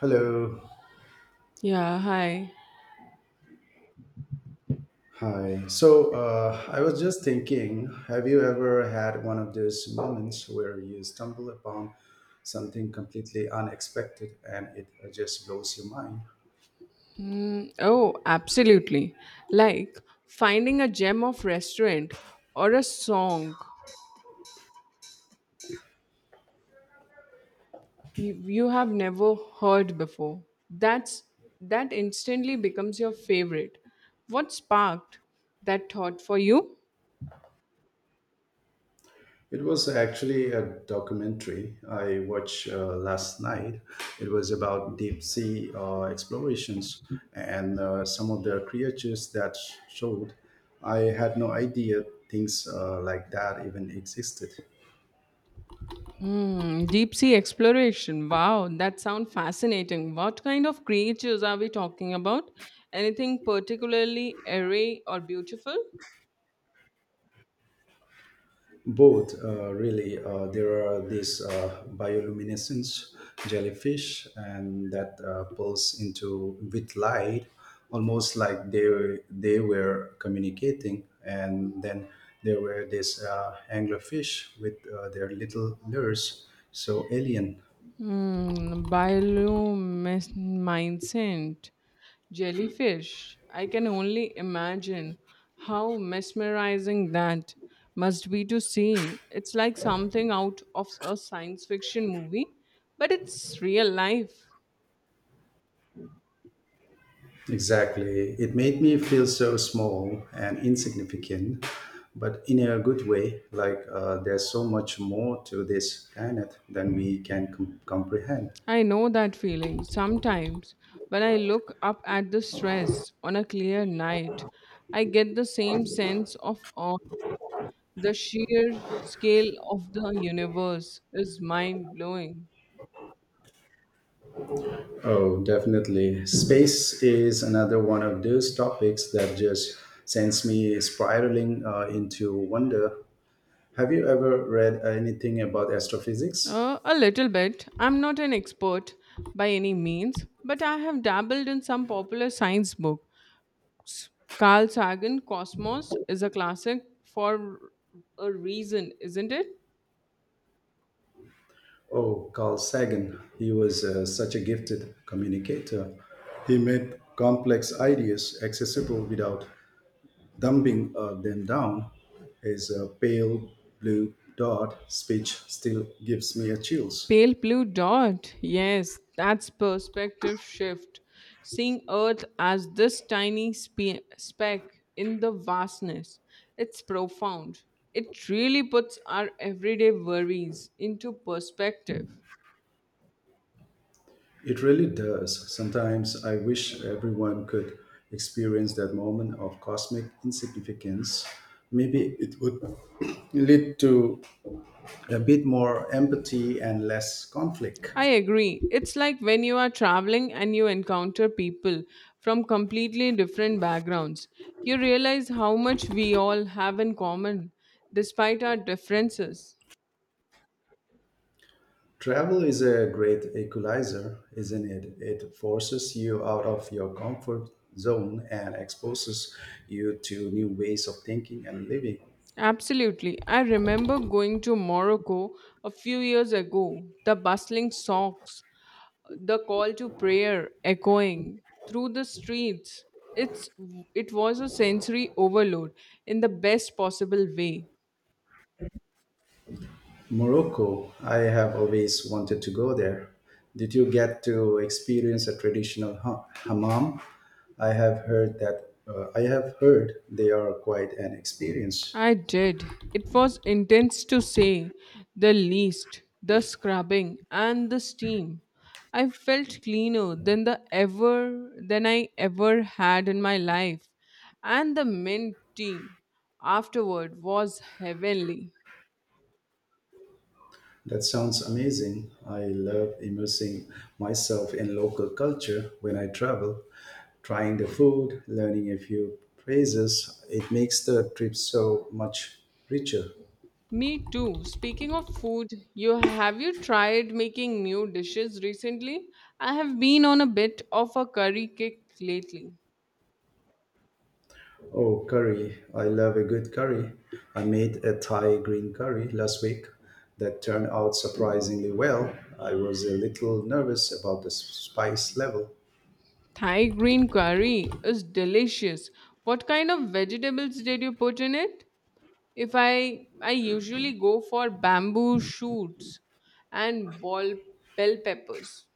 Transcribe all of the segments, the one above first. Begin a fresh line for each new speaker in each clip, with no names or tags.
Hello.
Yeah, hi.
Hi. So I was just thinking, have you ever had one of those moments where you stumble upon something completely unexpected and it just blows your mind?
Mm, oh, absolutely. Like finding a gem of restaurant or a song you have never heard before. That's that instantly becomes your favorite. What sparked that thought for you?
It was actually a documentary I watched last night. It was about deep sea explorations and some of the creatures that showed. I had no idea things like that even existed.
Hmm, deep sea exploration. Wow, that sounds fascinating. What kind of creatures are we talking about? Anything particularly airy or beautiful?
Both, really. There are these bioluminescence jellyfish, and that pulse into with light, almost like they were communicating. And then there were these anglerfish with their little lures, so alien.
Mm, bioluminescent jellyfish. I can only imagine how mesmerizing that must be to see. It's like something out of a science fiction movie, but it's real life.
Exactly. It made me feel so small and insignificant, but in a good way. Like there's so much more to this planet than we can comprehend.
I know that feeling. Sometimes when I look up at the stress on a clear night, I get the same sense of awe. The sheer scale of the universe is mind blowing.
Oh, definitely. Space is another one of those topics that just sends me spiraling into wonder. Have you ever read anything about astrophysics?
A little bit. I'm not an expert by any means, but I have dabbled in some popular science book. Carl Sagan Cosmos is a classic for a reason, isn't it?
Oh, Carl Sagan. He was such a gifted communicator. He made complex ideas accessible without dumbing them down. His pale blue dot speech still gives me a chills.
Pale blue dot. Yes, that's perspective shift. Seeing Earth as this tiny speck in the vastness. It's profound. It really puts our everyday worries into perspective.
It really does. Sometimes I wish everyone could experience that moment of cosmic insignificance. Maybe it would lead to a bit more empathy and less conflict.
I agree. It's like when you are traveling and you encounter people from completely different backgrounds. You realize how much we all have in common despite our differences.
Travel is a great equalizer, isn't it? It forces you out of your comfort zone and exposes you to new ways of thinking and living.
Absolutely. I remember going to Morocco a few years ago, the bustling socks, the call to prayer echoing through the streets. It's it was a sensory overload in the best possible way.
Morocco, I have always wanted to go there. Did you get to experience a traditional hammam? I have heard that I have heard they are quite an experience.
I did. It was intense to say the least, the scrubbing and the steam. I felt cleaner than I ever had in my life. And the mint tea afterward was heavenly.
That sounds amazing. I love immersing myself in local culture when I travel, trying the food, learning a few phrases. It makes the trip so much richer.
Me too. Speaking of food, you tried making new dishes recently? I have been on a bit of a curry kick lately.
Oh, curry. I love a good curry. I made a Thai green curry last week that turned out surprisingly well. I was a little nervous about the spice level,
Thai green curry is delicious. What kind of vegetables did you put in it? If I I usually go for bamboo shoots and ball bell peppers.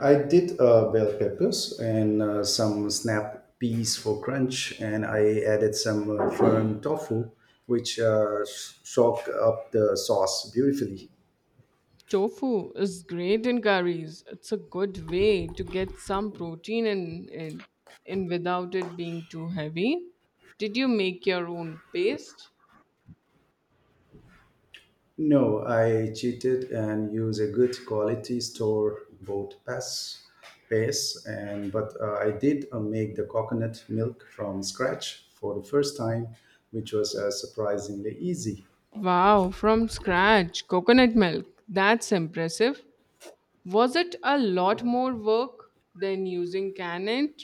I did bell peppers and some snap peas for crunch, and I added some fern tofu, which soaked up the sauce beautifully.
Tofu is great in curries. It's a good way to get some protein in without it being too heavy. Did you make your own paste?
No, I cheated and used a good quality store bought pass paste, and but I did make the coconut milk from scratch for the first time, which was surprisingly easy.
Wow, from scratch. Coconut milk. That's impressive. Was it a lot more work than using Can It?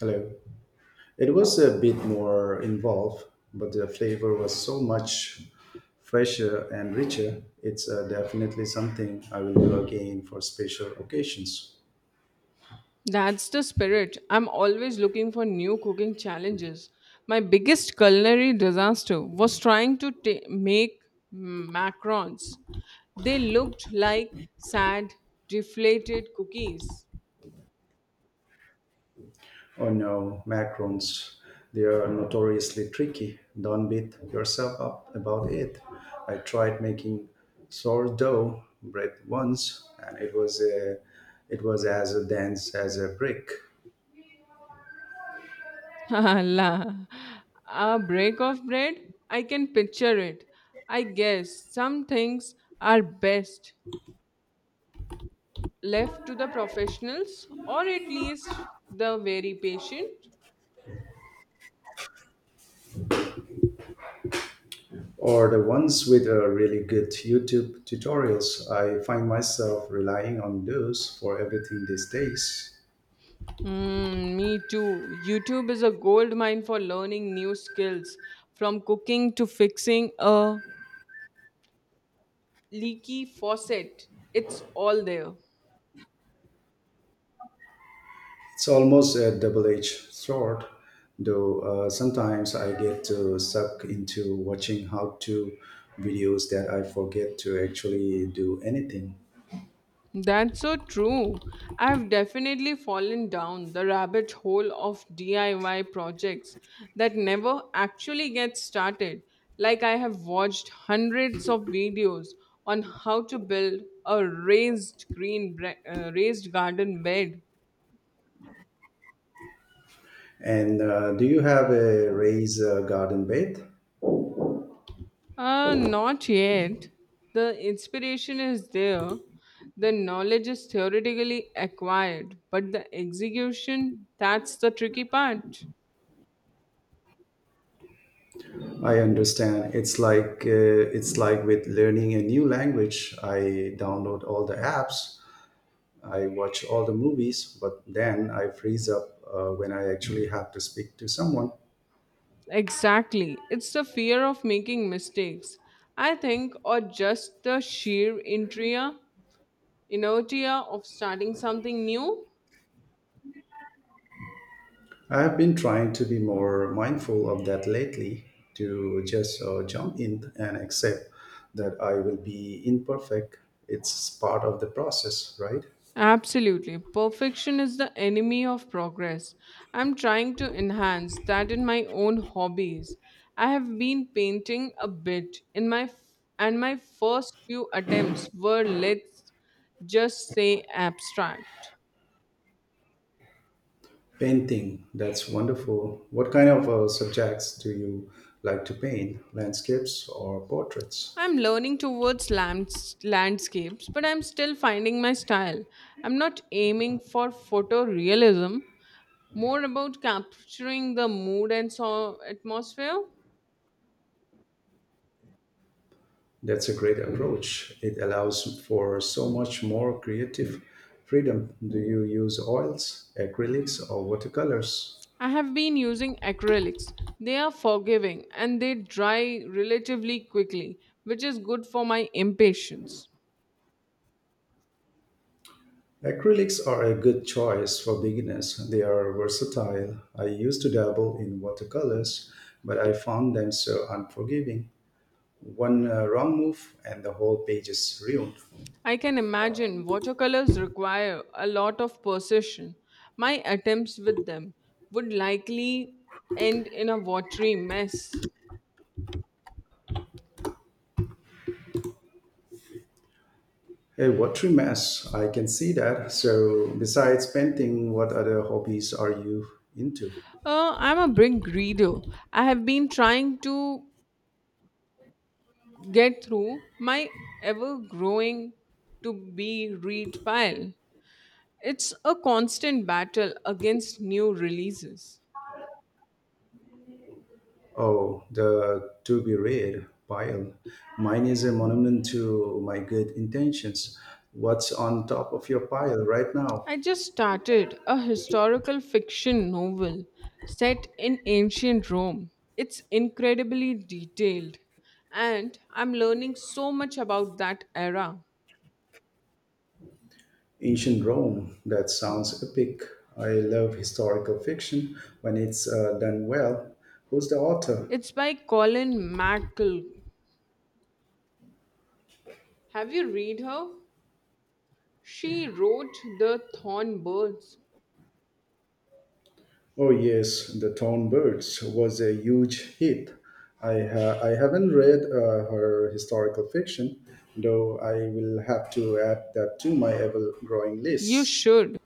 Hello. It was a bit more involved, but the flavor was so much fresher and richer. It's definitely something I will do again for special occasions.
That's the spirit. I'm always looking for new cooking challenges. My biggest culinary disaster was trying to make macarons. They looked like sad, deflated cookies.
Oh no, macarons. They are notoriously tricky. Don't beat yourself up about it. I tried making sourdough bread once and it was as dense as a brick.
La, a break of bread? I can picture it. I guess some things are best left to the professionals or at least the very patient?
Or the ones with really good YouTube tutorials. I find myself relying on those for everything these days.
Mm, me too. YouTube is a gold mine for learning new skills from cooking to fixing a leaky faucet. It's all there.
It's almost a double edged sword, though sometimes I get sucked into watching how to videos that I forget to actually do anything.
That's so true. I've definitely fallen down the rabbit hole of DIY projects that never actually get started. Like, I have watched hundreds of videos on how to build a raised garden bed.
And do you have a raised garden bed?
Not yet. The inspiration is there. The knowledge is theoretically acquired, but the execution, that's the tricky part.
I understand. It's like with learning a new language. I download all the apps, I watch all the movies, but then I freeze up when I actually have to speak to someone.
Exactly. It's the fear of making mistakes, I think, or just the sheer inertia of starting something new.
I have been trying to be more mindful of that lately, to just jump in and accept that I will be imperfect. It's part of the process, right?
Absolutely. Perfection is the enemy of progress. I'm trying to enhance that in my own hobbies. I have been painting a bit in my f- and my first few attempts were, let's just say, abstract.
Painting, that's wonderful. What kind of subjects do you like to paint? Landscapes or portraits?
I'm learning towards landscapes, but I'm still finding my style. I'm not aiming for photorealism, more about capturing the mood and so atmosphere.
That's a great approach. It allows for so much more creative freedom. Do you use oils, acrylics, or watercolors?
I have been using acrylics. They are forgiving and they dry relatively quickly, which is good for my impatience.
Acrylics are a good choice for beginners. They are versatile. I used to dabble in watercolors, but I found them so unforgiving. One wrong move and the whole page is ruined.
I can imagine watercolors require a lot of precision. My attempts with them would likely end in a watery mess.
A watery mess. I can see that. So, besides painting, what other hobbies are you into?
I'm a big reader. I have been trying to get through my ever growing to be read pile. It's a constant battle against new releases.
Oh, the to be read pile. Mine is a monument to my good intentions. What's on top of your pile right now?
I just started a historical fiction novel set in ancient Rome. It's incredibly detailed, and I'm learning so much about that era.
Ancient Rome. That sounds epic. I love historical fiction when it's done well. Who's the author?
It's by Colin McCall. Have you read her? She wrote The Thorn Birds.
Oh yes, The Town Birds was a huge hit. I haven't read her historical fiction, though I will have to add that to my ever-growing
You
list.
should.